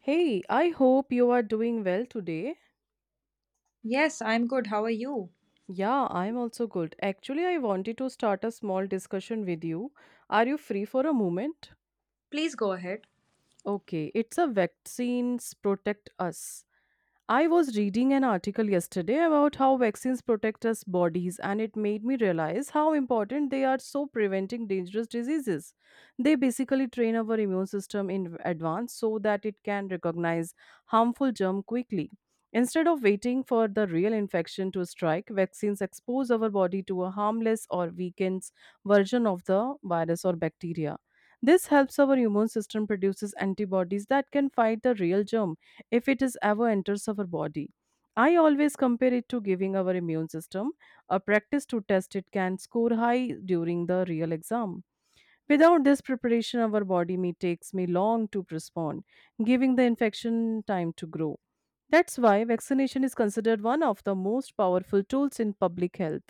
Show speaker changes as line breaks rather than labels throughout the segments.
Hey, I hope you are doing well today.
Yes, I'm good. How are you?
Yeah, I'm also good. Actually, I wanted to start a small discussion with you. Are you free for a moment?
Please go ahead.
Okay, it's a vaccines protect us. I was reading an article yesterday about how vaccines protect us bodies and it made me realize how important they are so preventing dangerous diseases. They basically train our immune system in advance so that it can recognize harmful germ quickly. Instead of waiting for the real infection to strike, vaccines expose our body to a harmless or weakened version of the virus or bacteria. This helps our immune system produces antibodies that can fight the real germ if it is ever enters our body. I always compare it to giving our immune system a practice to test it can score high during the real exam. Without this preparation, our body may takes me long to respond, giving the infection time to grow. That's why vaccination is considered one of the most powerful tools in public health.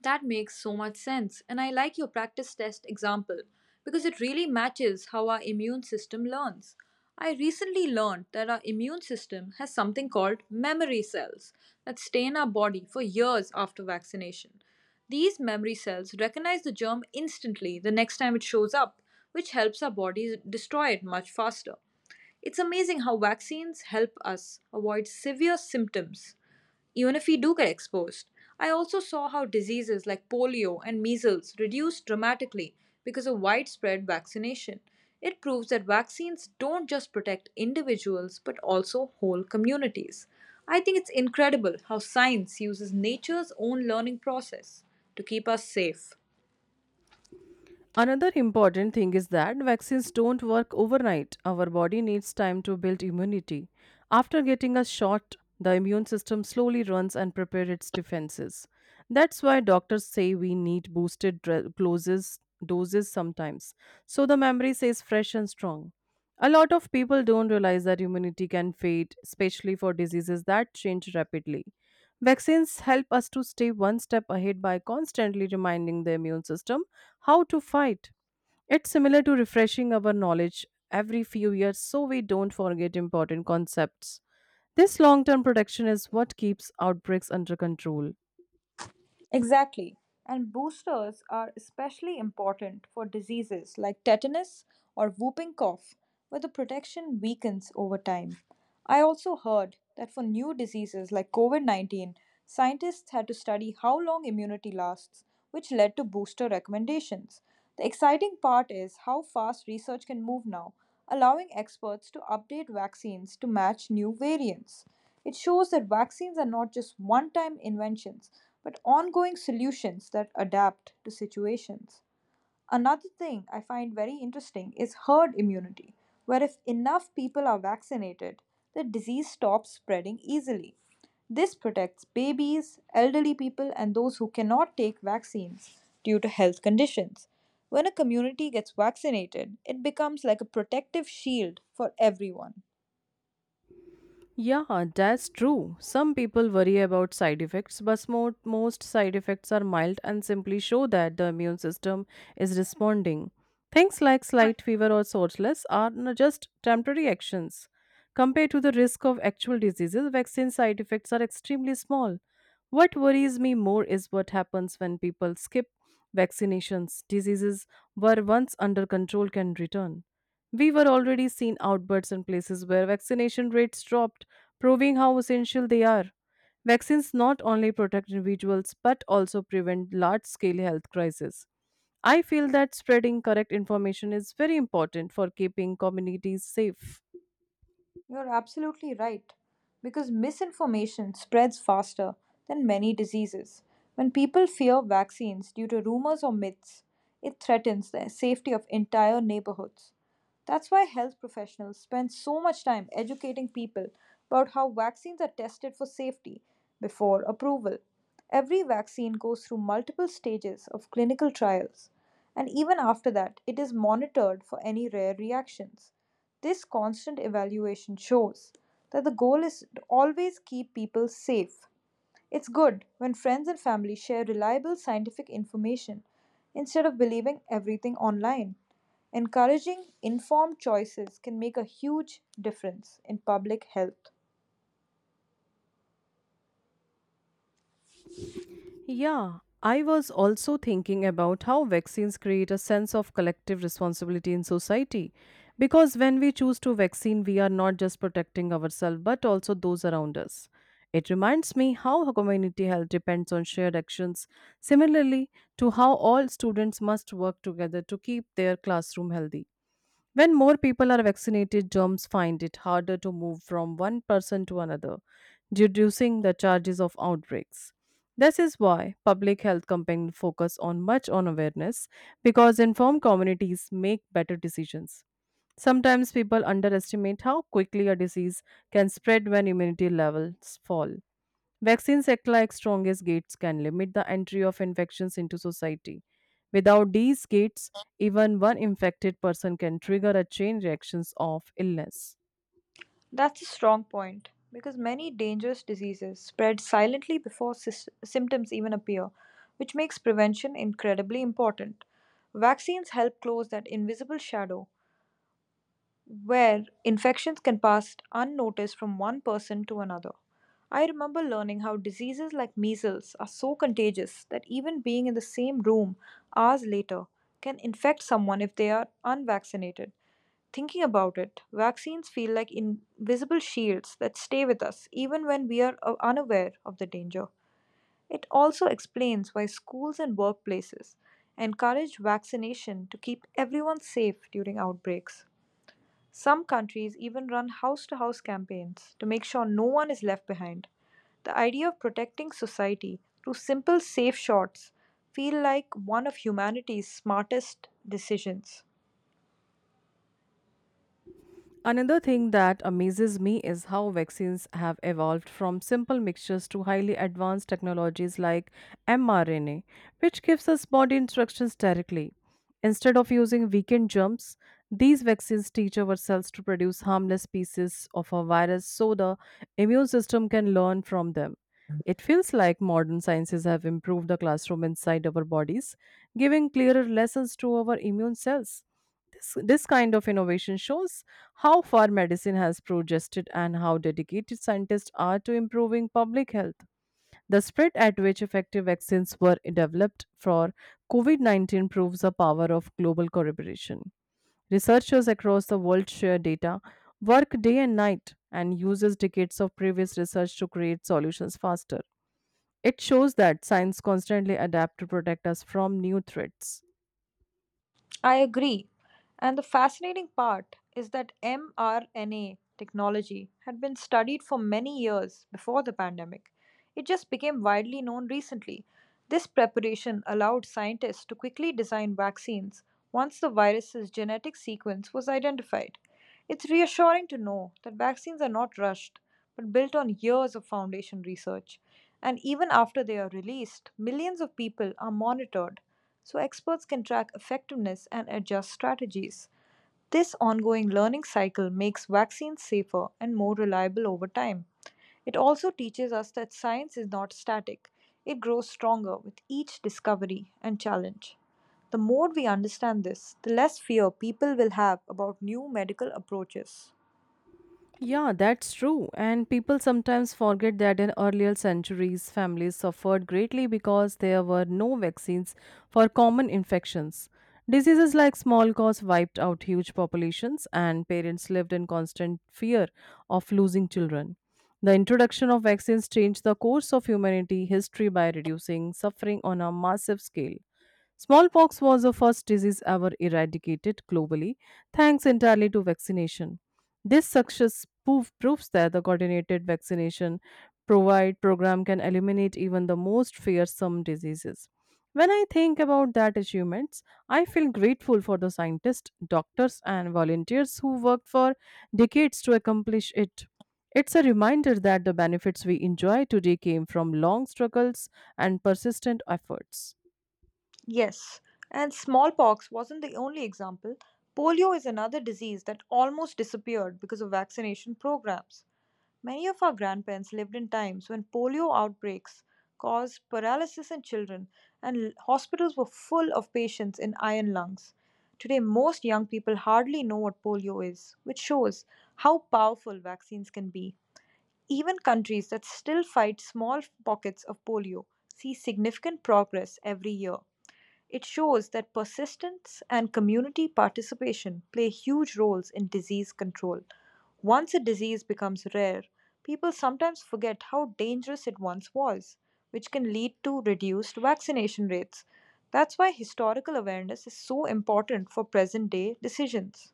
That makes so much sense, and I like your practice test example because it really matches how our immune system learns. I recently learned that our immune system has something called memory cells that stay in our body for years after vaccination. These memory cells recognize the germ instantly the next time it shows up, which helps our bodies destroy it much faster. It's amazing how vaccines help us avoid severe symptoms even if we do get exposed. I also saw how diseases like polio and measles reduced dramatically because of widespread vaccination. It proves that vaccines don't just protect individuals but also whole communities. I think it's incredible how science uses nature's own learning process to keep us safe.
Another important thing is that vaccines don't work overnight. Our body needs time to build immunity. After getting a shot, the immune system slowly runs and prepares its defenses. That's why doctors say we need boosted doses sometimes, so the memory stays fresh and strong. A lot of people don't realize that immunity can fade, especially for diseases that change rapidly. Vaccines help us to stay one step ahead by constantly reminding the immune system how to fight. It's similar to refreshing our knowledge every few years so we don't forget important concepts. This long term protection is what keeps outbreaks under control.
Exactly. And boosters are especially important for diseases like tetanus or whooping cough, where the protection weakens over time. I also heard that for new diseases like COVID COVID-19, scientists had to study how long immunity lasts, which led to booster recommendations. The exciting part is how fast research can move now, allowing experts to update vaccines to match new variants. It shows that vaccines are not just one time inventions, but ongoing solutions that adapt to situations. Another thing I find very interesting is herd immunity, where if enough people are vaccinated, the disease stops spreading easily. This protects babies, elderly people, and those who cannot take vaccines due to health conditions. When a community gets vaccinated, it becomes like a protective shield for everyone.
Yeah, that's true. Some people worry about side effects, but most side effects are mild and simply show that the immune system is responding. Things like slight fever or soreness are just temporary actions. Compared to the risk of actual diseases, vaccine side effects are extremely small. What worries me more is what happens when people skip vaccinations. Diseases were once under control can return. We were already seeing outbreaks in places where vaccination rates dropped, proving how essential they are. Vaccines not only protect individuals but also prevent large scale health crises. I feel that spreading correct information is very important for keeping communities safe.
You're absolutely right. Because misinformation spreads faster than many diseases. When people fear vaccines due to rumors or myths, it threatens the safety of entire neighborhoods. That's why health professionals spend so much time educating people about how vaccines are tested for safety before approval. Every vaccine goes through multiple stages of clinical trials, and even after that, it is monitored for any rare reactions. This constant evaluation shows that the goal is to always keep people safe. It's good when friends and family share reliable scientific information instead of believing everything online. Encouraging informed choices can make a huge difference in public health.
Yeah, I was also thinking about how vaccines create a sense of collective responsibility in society. Because when we choose to vaccine, we are not just protecting ourselves but also those around us. It reminds me how community health depends on shared actions, similarly to how all students must work together to keep their classroom healthy. When more people are vaccinated, germs find it harder to move from one person to another, reducing the charges of outbreaks. This is why public health campaigns focus on much on awareness because informed communities make better decisions. Sometimes people underestimate how quickly a disease can spread when immunity levels fall. Vaccines act like strongest gates can limit the entry of infections into society. Without these gates, even one infected person can trigger a chain reactions of illness.
That's a strong point because many dangerous diseases spread silently before symptoms even appear, which makes prevention incredibly important. Vaccines help close that invisible shadow where infections can pass unnoticed from one person to another. I remember learning how diseases like measles are so contagious that even being in the same room hours later can infect someone if they are unvaccinated. Thinking about it, vaccines feel like invisible shields that stay with us even when we are unaware of the danger. It also explains why schools and workplaces encourage vaccination to keep everyone safe during outbreaks. Some countries even run house to house campaigns to make sure no one is left behind. The idea of protecting society through simple safe shots feel like one of humanity's smartest decisions.
Another thing that amazes me is how vaccines have evolved from simple mixtures to highly advanced technologies like mRNA, which gives us body instructions directly. Instead of using weekend jumps, these vaccines teach our cells to produce harmless pieces of a virus so the immune system can learn from them. It feels like modern sciences have improved the classroom inside our bodies, giving clearer lessons to our immune cells. This kind of innovation shows how far medicine has progressed and how dedicated scientists are to improving public health. The spread at which effective vaccines were developed for COVID-19 proves the power of global collaboration. Researchers across the world share data, work day and night, and uses decades of previous research to create solutions faster. It shows that science constantly adapts to protect us from new threats.
I agree. And the fascinating part is that mRNA technology had been studied for many years before the pandemic. It just became widely known recently. This preparation allowed scientists to quickly design vaccines once the virus's genetic sequence was identified. It's reassuring to know that vaccines are not rushed, but built on years of foundation research. And even after they are released, millions of people are monitored so experts can track effectiveness and adjust strategies. This ongoing learning cycle makes vaccines safer and more reliable over time. It also teaches us that science is not static, it grows stronger with each discovery and challenge. The more we understand this, the less fear people will have about new medical approaches.
Yeah, that's true. And people sometimes forget that in earlier centuries, families suffered greatly because there were no vaccines for common infections. Diseases like smallpox wiped out huge populations, and parents lived in constant fear of losing children. The introduction of vaccines changed the course of humanity history by reducing suffering on a massive scale. Smallpox was the first disease ever eradicated globally, thanks entirely to vaccination. This success proves that the coordinated vaccination provide program can eliminate even the most fearsome diseases. When I think about that achievements, I feel grateful for the scientists, doctors, and volunteers who worked for decades to accomplish it. It's a reminder that the benefits we enjoy today came from long struggles and persistent efforts.
Yes, and smallpox wasn't the only example. Polio is another disease that almost disappeared because of vaccination programs. Many of our grandparents lived in times when polio outbreaks caused paralysis in children and hospitals were full of patients in iron lungs. Today, most young people hardly know what polio is, which shows how powerful vaccines can be. Even countries that still fight small pockets of polio see significant progress every year. It shows that persistence and community participation play huge roles in disease control. Once a disease becomes rare, people sometimes forget how dangerous it once was, which can lead to reduced vaccination rates. That's why historical awareness is so important for present day decisions.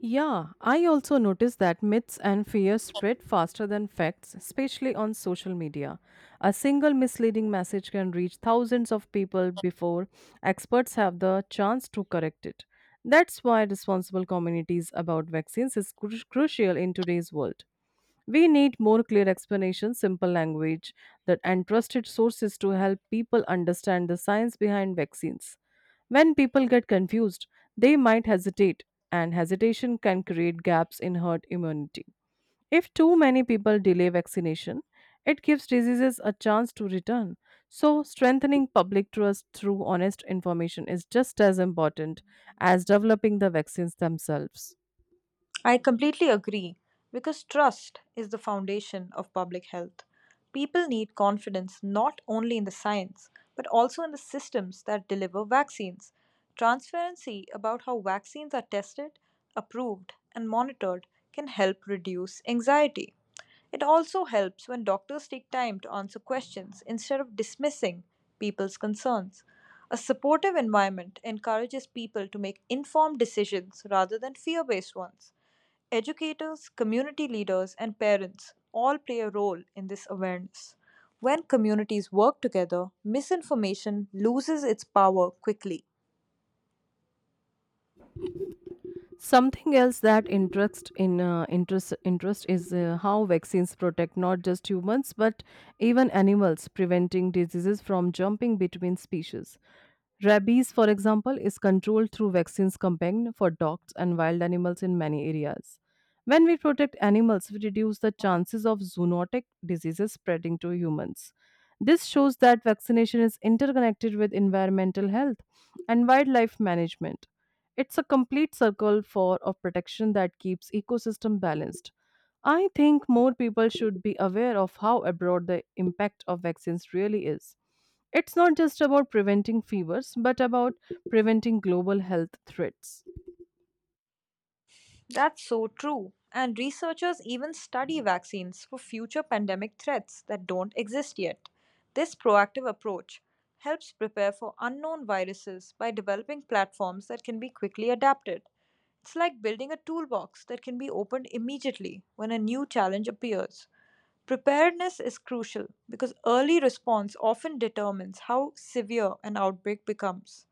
Yeah, I also noticed that myths and fears spread faster than facts, especially on social media. A single misleading message can reach thousands of people before experts have the chance to correct it. That's why responsible communities about vaccines is crucial in today's world. We need more clear explanations, simple language, that and trusted sources to help people understand the science behind vaccines. When people get confused, they might hesitate, and hesitation can create gaps in herd immunity. If too many people delay vaccination, it gives diseases a chance to return. So, strengthening public trust through honest information is just as important as developing the vaccines themselves.
I completely agree because trust is the foundation of public health. People need confidence not only in the science but also in the systems that deliver vaccines. Transparency about how vaccines are tested, approved, and monitored can help reduce anxiety. It also helps when doctors take time to answer questions instead of dismissing people's concerns. A supportive environment encourages people to make informed decisions rather than fear based ones. Educators, community leaders, and parents all play a role in this awareness. When communities work together, misinformation loses its power quickly.
Something else that interest in interest interest is how vaccines protect not just humans but even animals, preventing diseases from jumping between species. Rabies, for example, is controlled through vaccines campaign for dogs and wild animals in many areas. When we protect animals, we reduce the chances of zoonotic diseases spreading to humans. This shows that vaccination is interconnected with environmental health and wildlife management. It's a complete circle for of protection that keeps ecosystem balanced. I think more people should be aware of how abroad the impact of vaccines really is. It's not just about preventing fevers, but about preventing global health threats.
That's so true. And researchers even study vaccines for future pandemic threats that don't exist yet. This proactive approach helps prepare for unknown viruses by developing platforms that can be quickly adapted. It's like building a toolbox that can be opened immediately when a new challenge appears. Preparedness is crucial because early response often determines how severe an outbreak becomes.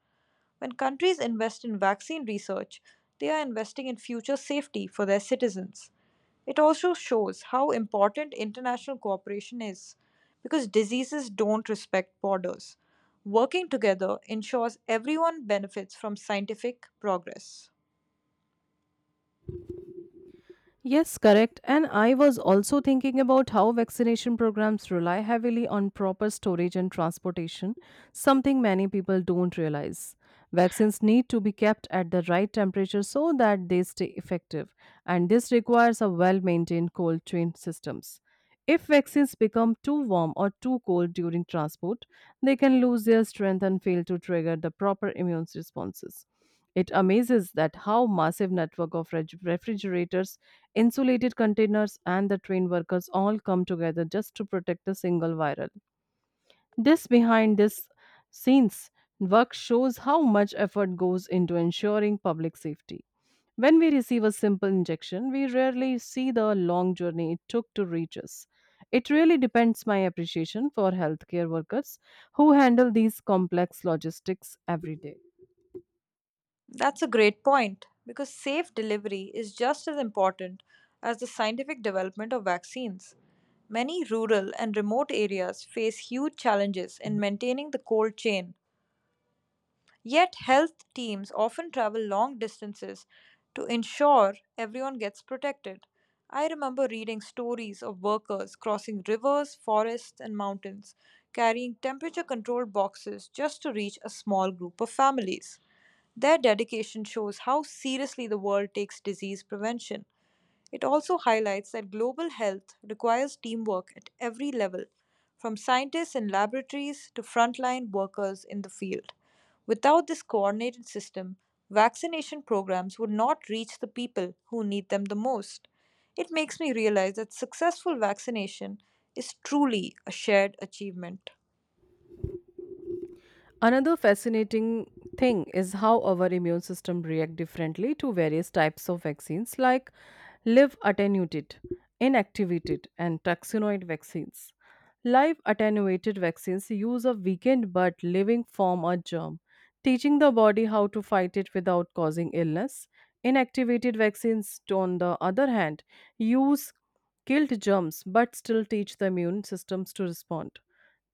When countries invest in vaccine research, they are investing in future safety for their citizens. It also shows how important international cooperation is because diseases don't respect borders. Working together ensures everyone benefits from scientific progress.
Yes, correct. And I was also thinking about how vaccination programs rely heavily on proper storage and transportation, something many people don't realize. Vaccines need to be kept at the right temperature so that they stay effective, and this requires a well-maintained cold chain systems. If vaccines become too warm or too cold during transport, they can lose their strength and fail to trigger the proper immune responses. It amazes that how massive network of refrigerators, insulated containers and the train workers all come together just to protect a single viral. This behind this scenes work shows how much effort goes into ensuring public safety. When we receive a simple injection, we rarely see the long journey it took to reach us. It really depends my appreciation for healthcare workers who handle these complex logistics every day.
That's a great point because safe delivery is just as important as the scientific development of vaccines. Many rural and remote areas face huge challenges in maintaining the cold chain, yet, health teams often travel long distances to ensure everyone gets protected. I remember reading stories of workers crossing rivers, forests, and mountains, carrying temperature controlled boxes just to reach a small group of families. Their dedication shows how seriously the world takes disease prevention. It also highlights that global health requires teamwork at every level, from scientists in laboratories to frontline workers in the field. Without this coordinated system, vaccination programs would not reach the people who need them the most. It makes me realize that successful vaccination is truly a shared achievement.
Another fascinating thing is how our immune system react differently to various types of vaccines like live attenuated, inactivated and taxonoid vaccines. Live attenuated vaccines use a weakened but living form or germ, teaching the body how to fight it without causing illness. Inactivated vaccines, on the other hand, use killed germs but still teach the immune systems to respond.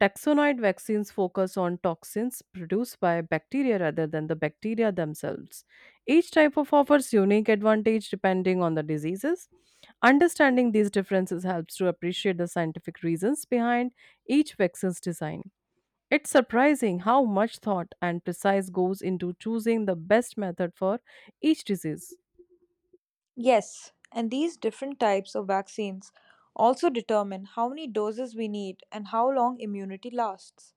Taxonoid vaccines focus on toxins produced by bacteria rather than the bacteria themselves. Each type of offers unique advantage depending on the diseases. Understanding these differences helps to appreciate the scientific reasons behind each vaccine's design. It's surprising how much thought and precise goes into choosing the best method for each disease.
Yes, and these different types of vaccines also determine how many doses we need and how long immunity lasts.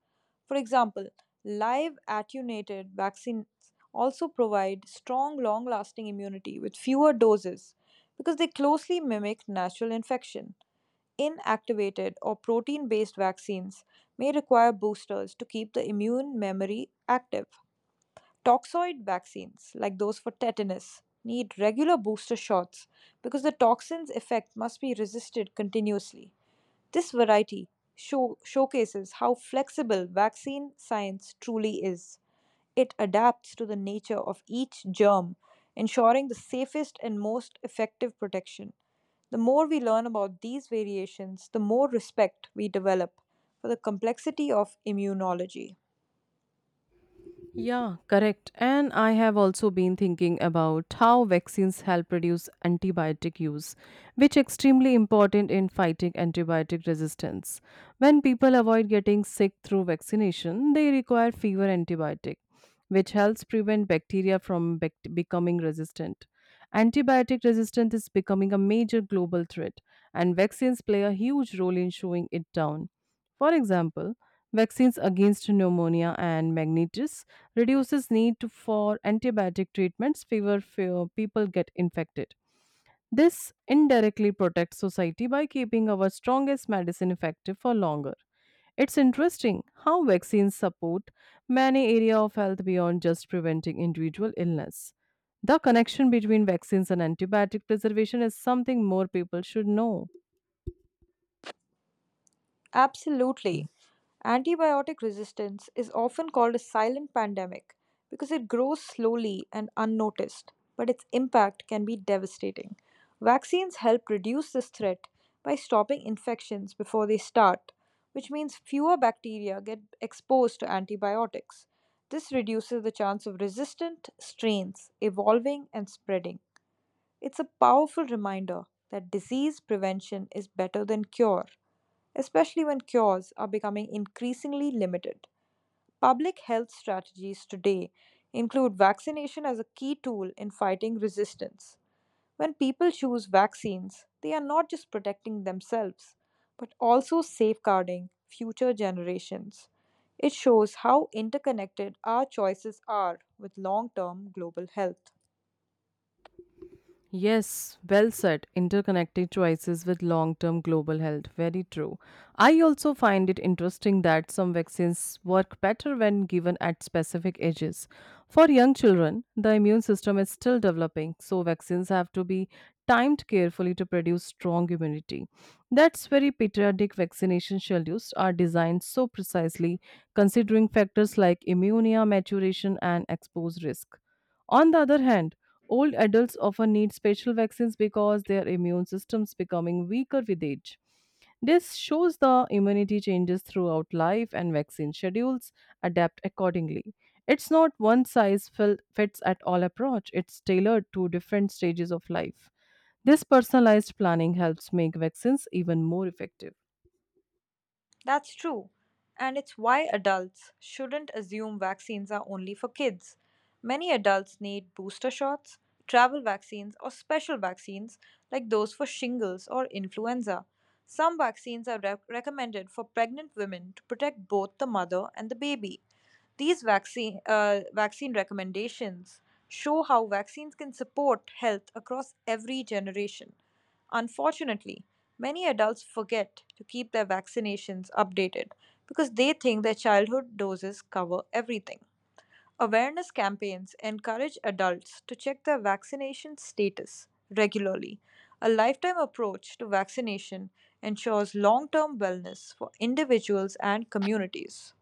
For example, live attenuated vaccines also provide strong, long lasting immunity with fewer doses because they closely mimic natural infection. Inactivated or protein based vaccines may require boosters to keep the immune memory active. Toxoid vaccines, like those for tetanus, need regular booster shots because the toxin's effect must be resisted continuously. This variety showcases how flexible vaccine science truly is. It adapts to the nature of each germ, ensuring the safest and most effective protection. The more we learn about these variations, the more respect we develop for the complexity of immunology.
Yeah, correct. And I have also been thinking about how vaccines help reduce antibiotic use, which extremely important in fighting antibiotic resistance. When people avoid getting sick through vaccination, they require fewer antibiotic, which helps prevent bacteria from becoming resistant. Antibiotic resistance is becoming a major global threat, and vaccines play a huge role in showing it down. For example, vaccines against pneumonia and meningitis reduces need for antibiotic treatments fewer few people get infected. This indirectly protects society by keeping our strongest medicine effective for longer. It's interesting how vaccines support many areas of health beyond just preventing individual illness. The connection between vaccines and antibiotic preservation is something more people should know.
Absolutely. Antibiotic resistance is often called a silent pandemic because it grows slowly and unnoticed, but its impact can be devastating. Vaccines help reduce this threat by stopping infections before they start, which means fewer bacteria get exposed to antibiotics. This reduces the chance of resistant strains evolving and spreading. It's a powerful reminder that disease prevention is better than cure. Especially when cures are becoming increasingly limited. Public health strategies today include vaccination as a key tool in fighting resistance. When people choose vaccines, they are not just protecting themselves, but also safeguarding future generations. It shows how interconnected our choices are with long term global health.
Yes, well said. Interconnecting choices with long term global health. Very true. I also find it interesting that some vaccines work better when given at specific ages. For young children, the immune system is still developing, so vaccines have to be timed carefully to produce strong immunity. That's very pediatric vaccination schedules are designed so precisely, considering factors like immunia, maturation, and exposed risk. On the other hand, old adults often need special vaccines because their immune systems becoming weaker with age. This shows the immunity changes throughout life and vaccine schedules adapt accordingly. It's not one size fits at all approach, it's tailored to different stages of life. This personalized planning helps make vaccines even more effective.
That's true. And it's why adults shouldn't assume vaccines are only for kids. Many adults need booster shots, travel vaccines, or special vaccines like those for shingles or influenza. Some vaccines are recommended for pregnant women to protect both the mother and the baby. These vaccine recommendations show how vaccines can support health across every generation. Unfortunately, many adults forget to keep their vaccinations updated because they think their childhood doses cover everything. Awareness campaigns encourage adults to check their vaccination status regularly. A lifetime approach to vaccination ensures long term wellness for individuals and communities.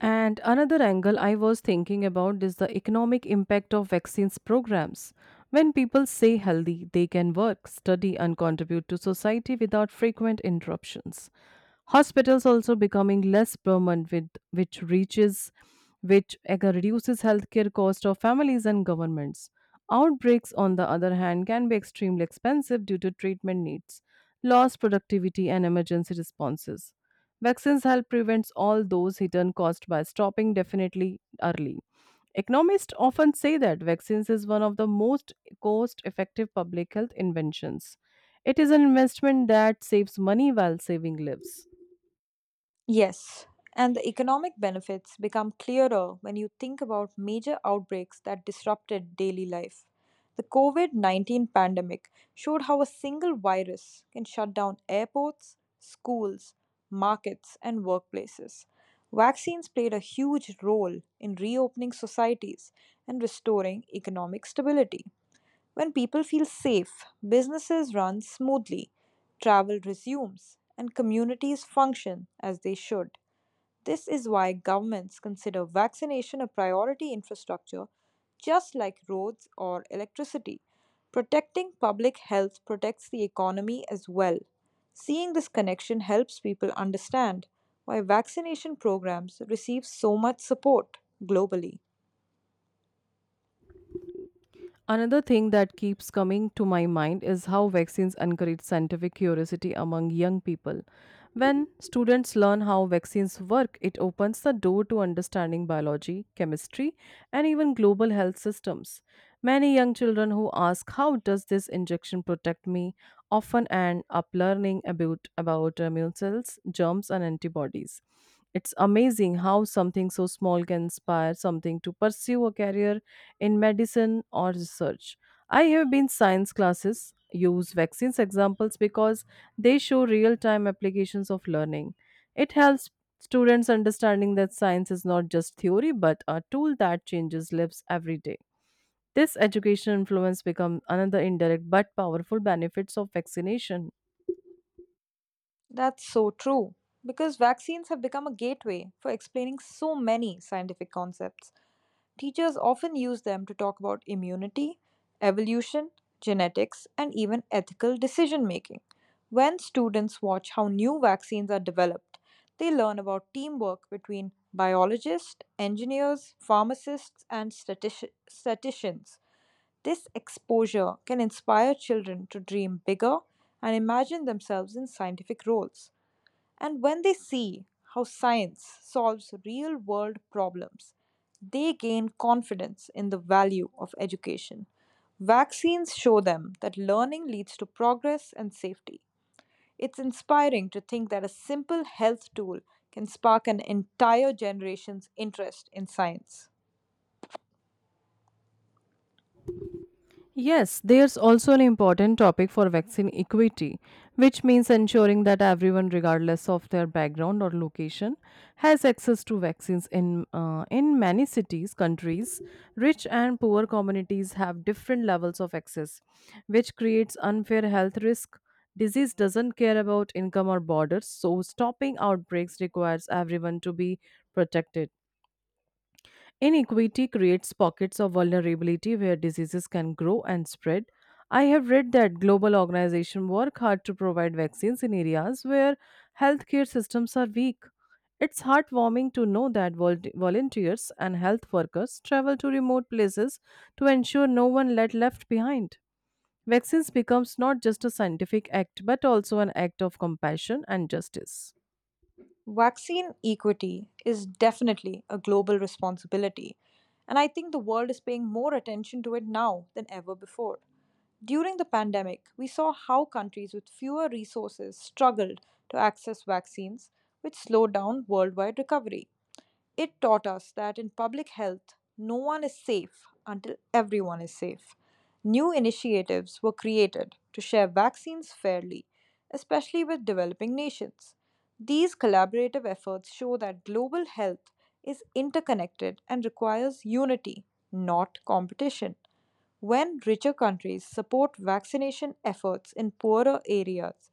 And another angle I was thinking about is the economic impact of vaccines programs. When people stay healthy, they can work, study, and contribute to society without frequent interruptions. Hospitals also becoming less permanent, with which reaches, which reduces healthcare cost of families and governments. Outbreaks, on the other hand, can be extremely expensive due to treatment needs, lost productivity, and emergency responses. Vaccines help prevent all those hidden costs by stopping definitely early. Economists often say that vaccines is one of the most cost-effective public health inventions. It is an investment that saves money while saving lives.
Yes, and the economic benefits become clearer when you think about major outbreaks that disrupted daily life. The COVID COVID-19 pandemic showed how a single virus can shut down airports, schools, markets, and workplaces. Vaccines played a huge role in reopening societies and restoring economic stability. When people feel safe, businesses run smoothly, travel resumes, and communities function as they should. This is why governments consider vaccination a priority infrastructure just like roads or electricity. Protecting public health protects the economy as well. Seeing this connection helps people understand why vaccination programs receive so much support globally.
Another thing that keeps coming to my mind is how vaccines encourage scientific curiosity among young people. When students learn how vaccines work, it opens the door to understanding biology, chemistry, and even global health systems. Many young children who ask, how does this injection protect me? Often end up learning about immune cells, germs, and antibodies. It's amazing how something so small can inspire something to pursue a career in medicine or research. I have been science classes use vaccines examples because they show real-time applications of learning. It helps students understanding that science is not just theory but a tool that changes lives every day. This educational influence becomes another indirect but powerful benefits of vaccination.
That's so true, because vaccines have become a gateway for explaining so many scientific concepts. Teachers often use them to talk about immunity, evolution, genetics, and even ethical decision making. When students watch how new vaccines are developed, they learn about teamwork between biologists, engineers, pharmacists, and statisticians. This exposure can inspire children to dream bigger and imagine themselves in scientific roles. And when they see how science solves real world problems, they gain confidence in the value of education. Vaccines show them that learning leads to progress and safety. It's inspiring to think that a simple health tool can spark an entire generation's interest in science.
Yes, there's also an important topic for vaccine equity, which means ensuring that everyone, regardless of their background or location, has access to vaccines. In many cities, countries, rich and poor communities have different levels of access, which creates unfair health risk. Disease doesn't care about income or borders, so stopping outbreaks requires everyone to be protected. Inequity creates pockets of vulnerability where diseases can grow and spread. I have read that global organizations work hard to provide vaccines in areas where healthcare systems are weak. It's heartwarming to know that volunteers and health workers travel to remote places to ensure no one let left behind. Vaccines becomes not just a scientific act but also an act of compassion and justice.
Vaccine equity is definitely a global responsibility, and I think the world is paying more attention to it now than ever before. During the pandemic, we saw how countries with fewer resources struggled to access vaccines, which slowed down worldwide recovery. It taught us that in public health, no one is safe until everyone is safe. New initiatives were created to share vaccines fairly, especially with developing nations. These collaborative efforts show that global health is interconnected and requires unity, not competition. When richer countries support vaccination efforts in poorer areas,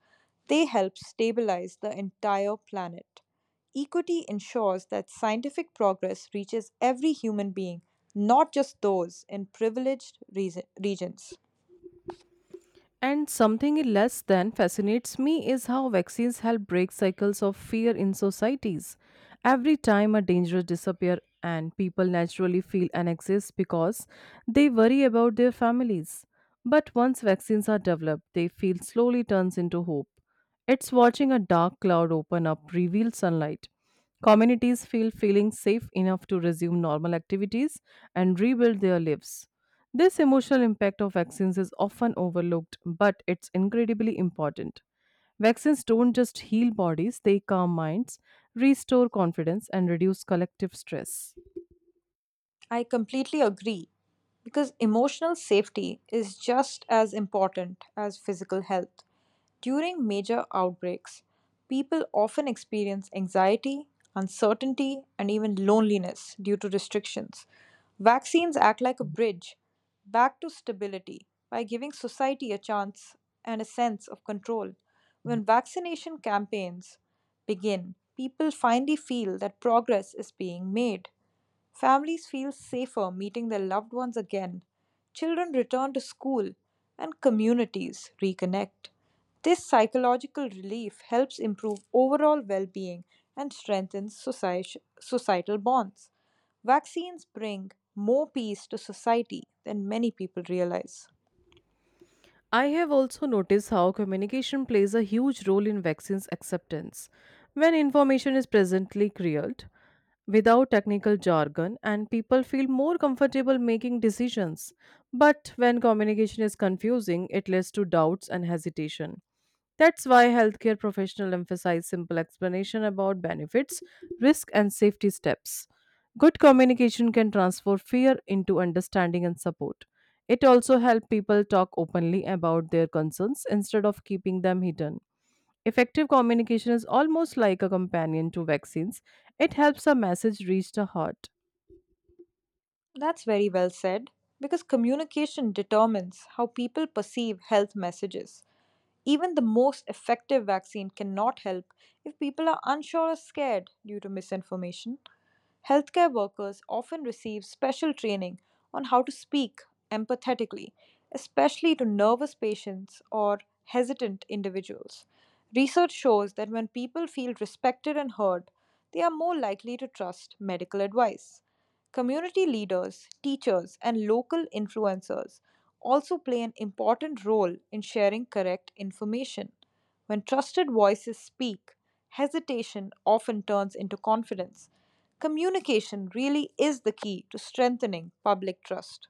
they help stabilize the entire planet. Equity ensures that scientific progress reaches every human being, not just those in privileged regions.
And something less than fascinates me is how vaccines help break cycles of fear in societies. Every time a danger disappears and people naturally feel anxious because they worry about their families. But once vaccines are developed, they feel slowly turns into hope. It's watching a dark cloud open up reveal sunlight. Communities feeling safe enough to resume normal activities and rebuild their lives. This emotional impact of vaccines is often overlooked, but it's incredibly important. Vaccines don't just heal bodies, they calm minds, restore confidence, and reduce collective stress.
I completely agree because emotional safety is just as important as physical health. During major outbreaks, people often experience anxiety, uncertainty, and even loneliness due to restrictions. Vaccines act like a bridge back to stability by giving society a chance and a sense of control. When vaccination campaigns begin, people finally feel that progress is being made. Families feel safer meeting their loved ones again. Children return to school and communities reconnect. This psychological relief helps improve overall well being and strengthens societal bonds. Vaccines bring more peace to society than many people realize.
I have also noticed how communication plays a huge role in vaccines acceptance. When information is presently cleared, without technical jargon and people feel more comfortable making decisions. But when communication is confusing, it leads to doubts and hesitation. That's why healthcare professionals emphasize simple explanation about benefits, risk and safety steps. Good communication can transfer fear into understanding and support. It also helps people talk openly about their concerns instead of keeping them hidden. Effective communication is almost like a companion to vaccines. It helps a message reach the heart.
That's very well said because communication determines how people perceive health messages. Even the most effective vaccine cannot help if people are unsure or scared due to misinformation. Healthcare workers often receive special training on how to speak empathetically, especially to nervous patients or hesitant individuals. Research shows that when people feel respected and heard, they are more likely to trust medical advice. Community leaders, teachers, and local influencers also play an important role in sharing correct information. When trusted voices speak, hesitation often turns into confidence. Communication really is the key to strengthening public trust.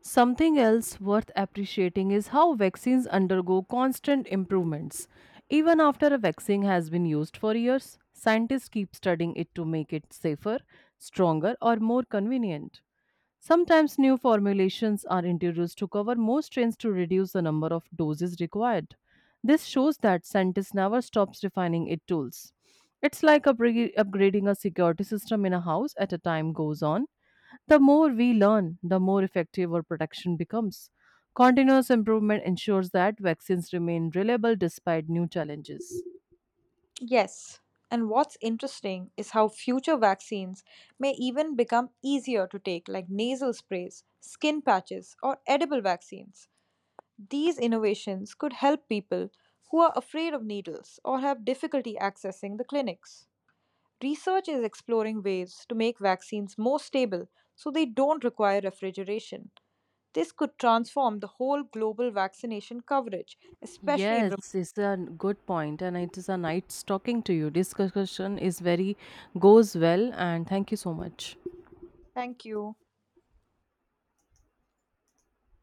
Something else worth appreciating is how vaccines undergo constant improvements. Even after a vaccine has been used for years, scientists keep studying it to make it safer, stronger, or more convenient. Sometimes new formulations are introduced to cover more strains to reduce the number of doses required. This shows that scientists never stops refining its tools. It's like upgrading a security system in a house at a time goes on. The more we learn, the more effective our protection becomes. Continuous improvement ensures that vaccines remain reliable despite new challenges.
Yes, and what's interesting is how future vaccines may even become easier to take, like nasal sprays, skin patches, or edible vaccines. These innovations could help people who are afraid of needles or have difficulty accessing the clinics. Research is exploring ways to make vaccines more stable so they don't require refrigeration. This could transform the whole global vaccination coverage, especially in remote.
Yes, it's a good point, and it is a nice talking to you. Discussion is very goes well, and thank you so much.
Thank you.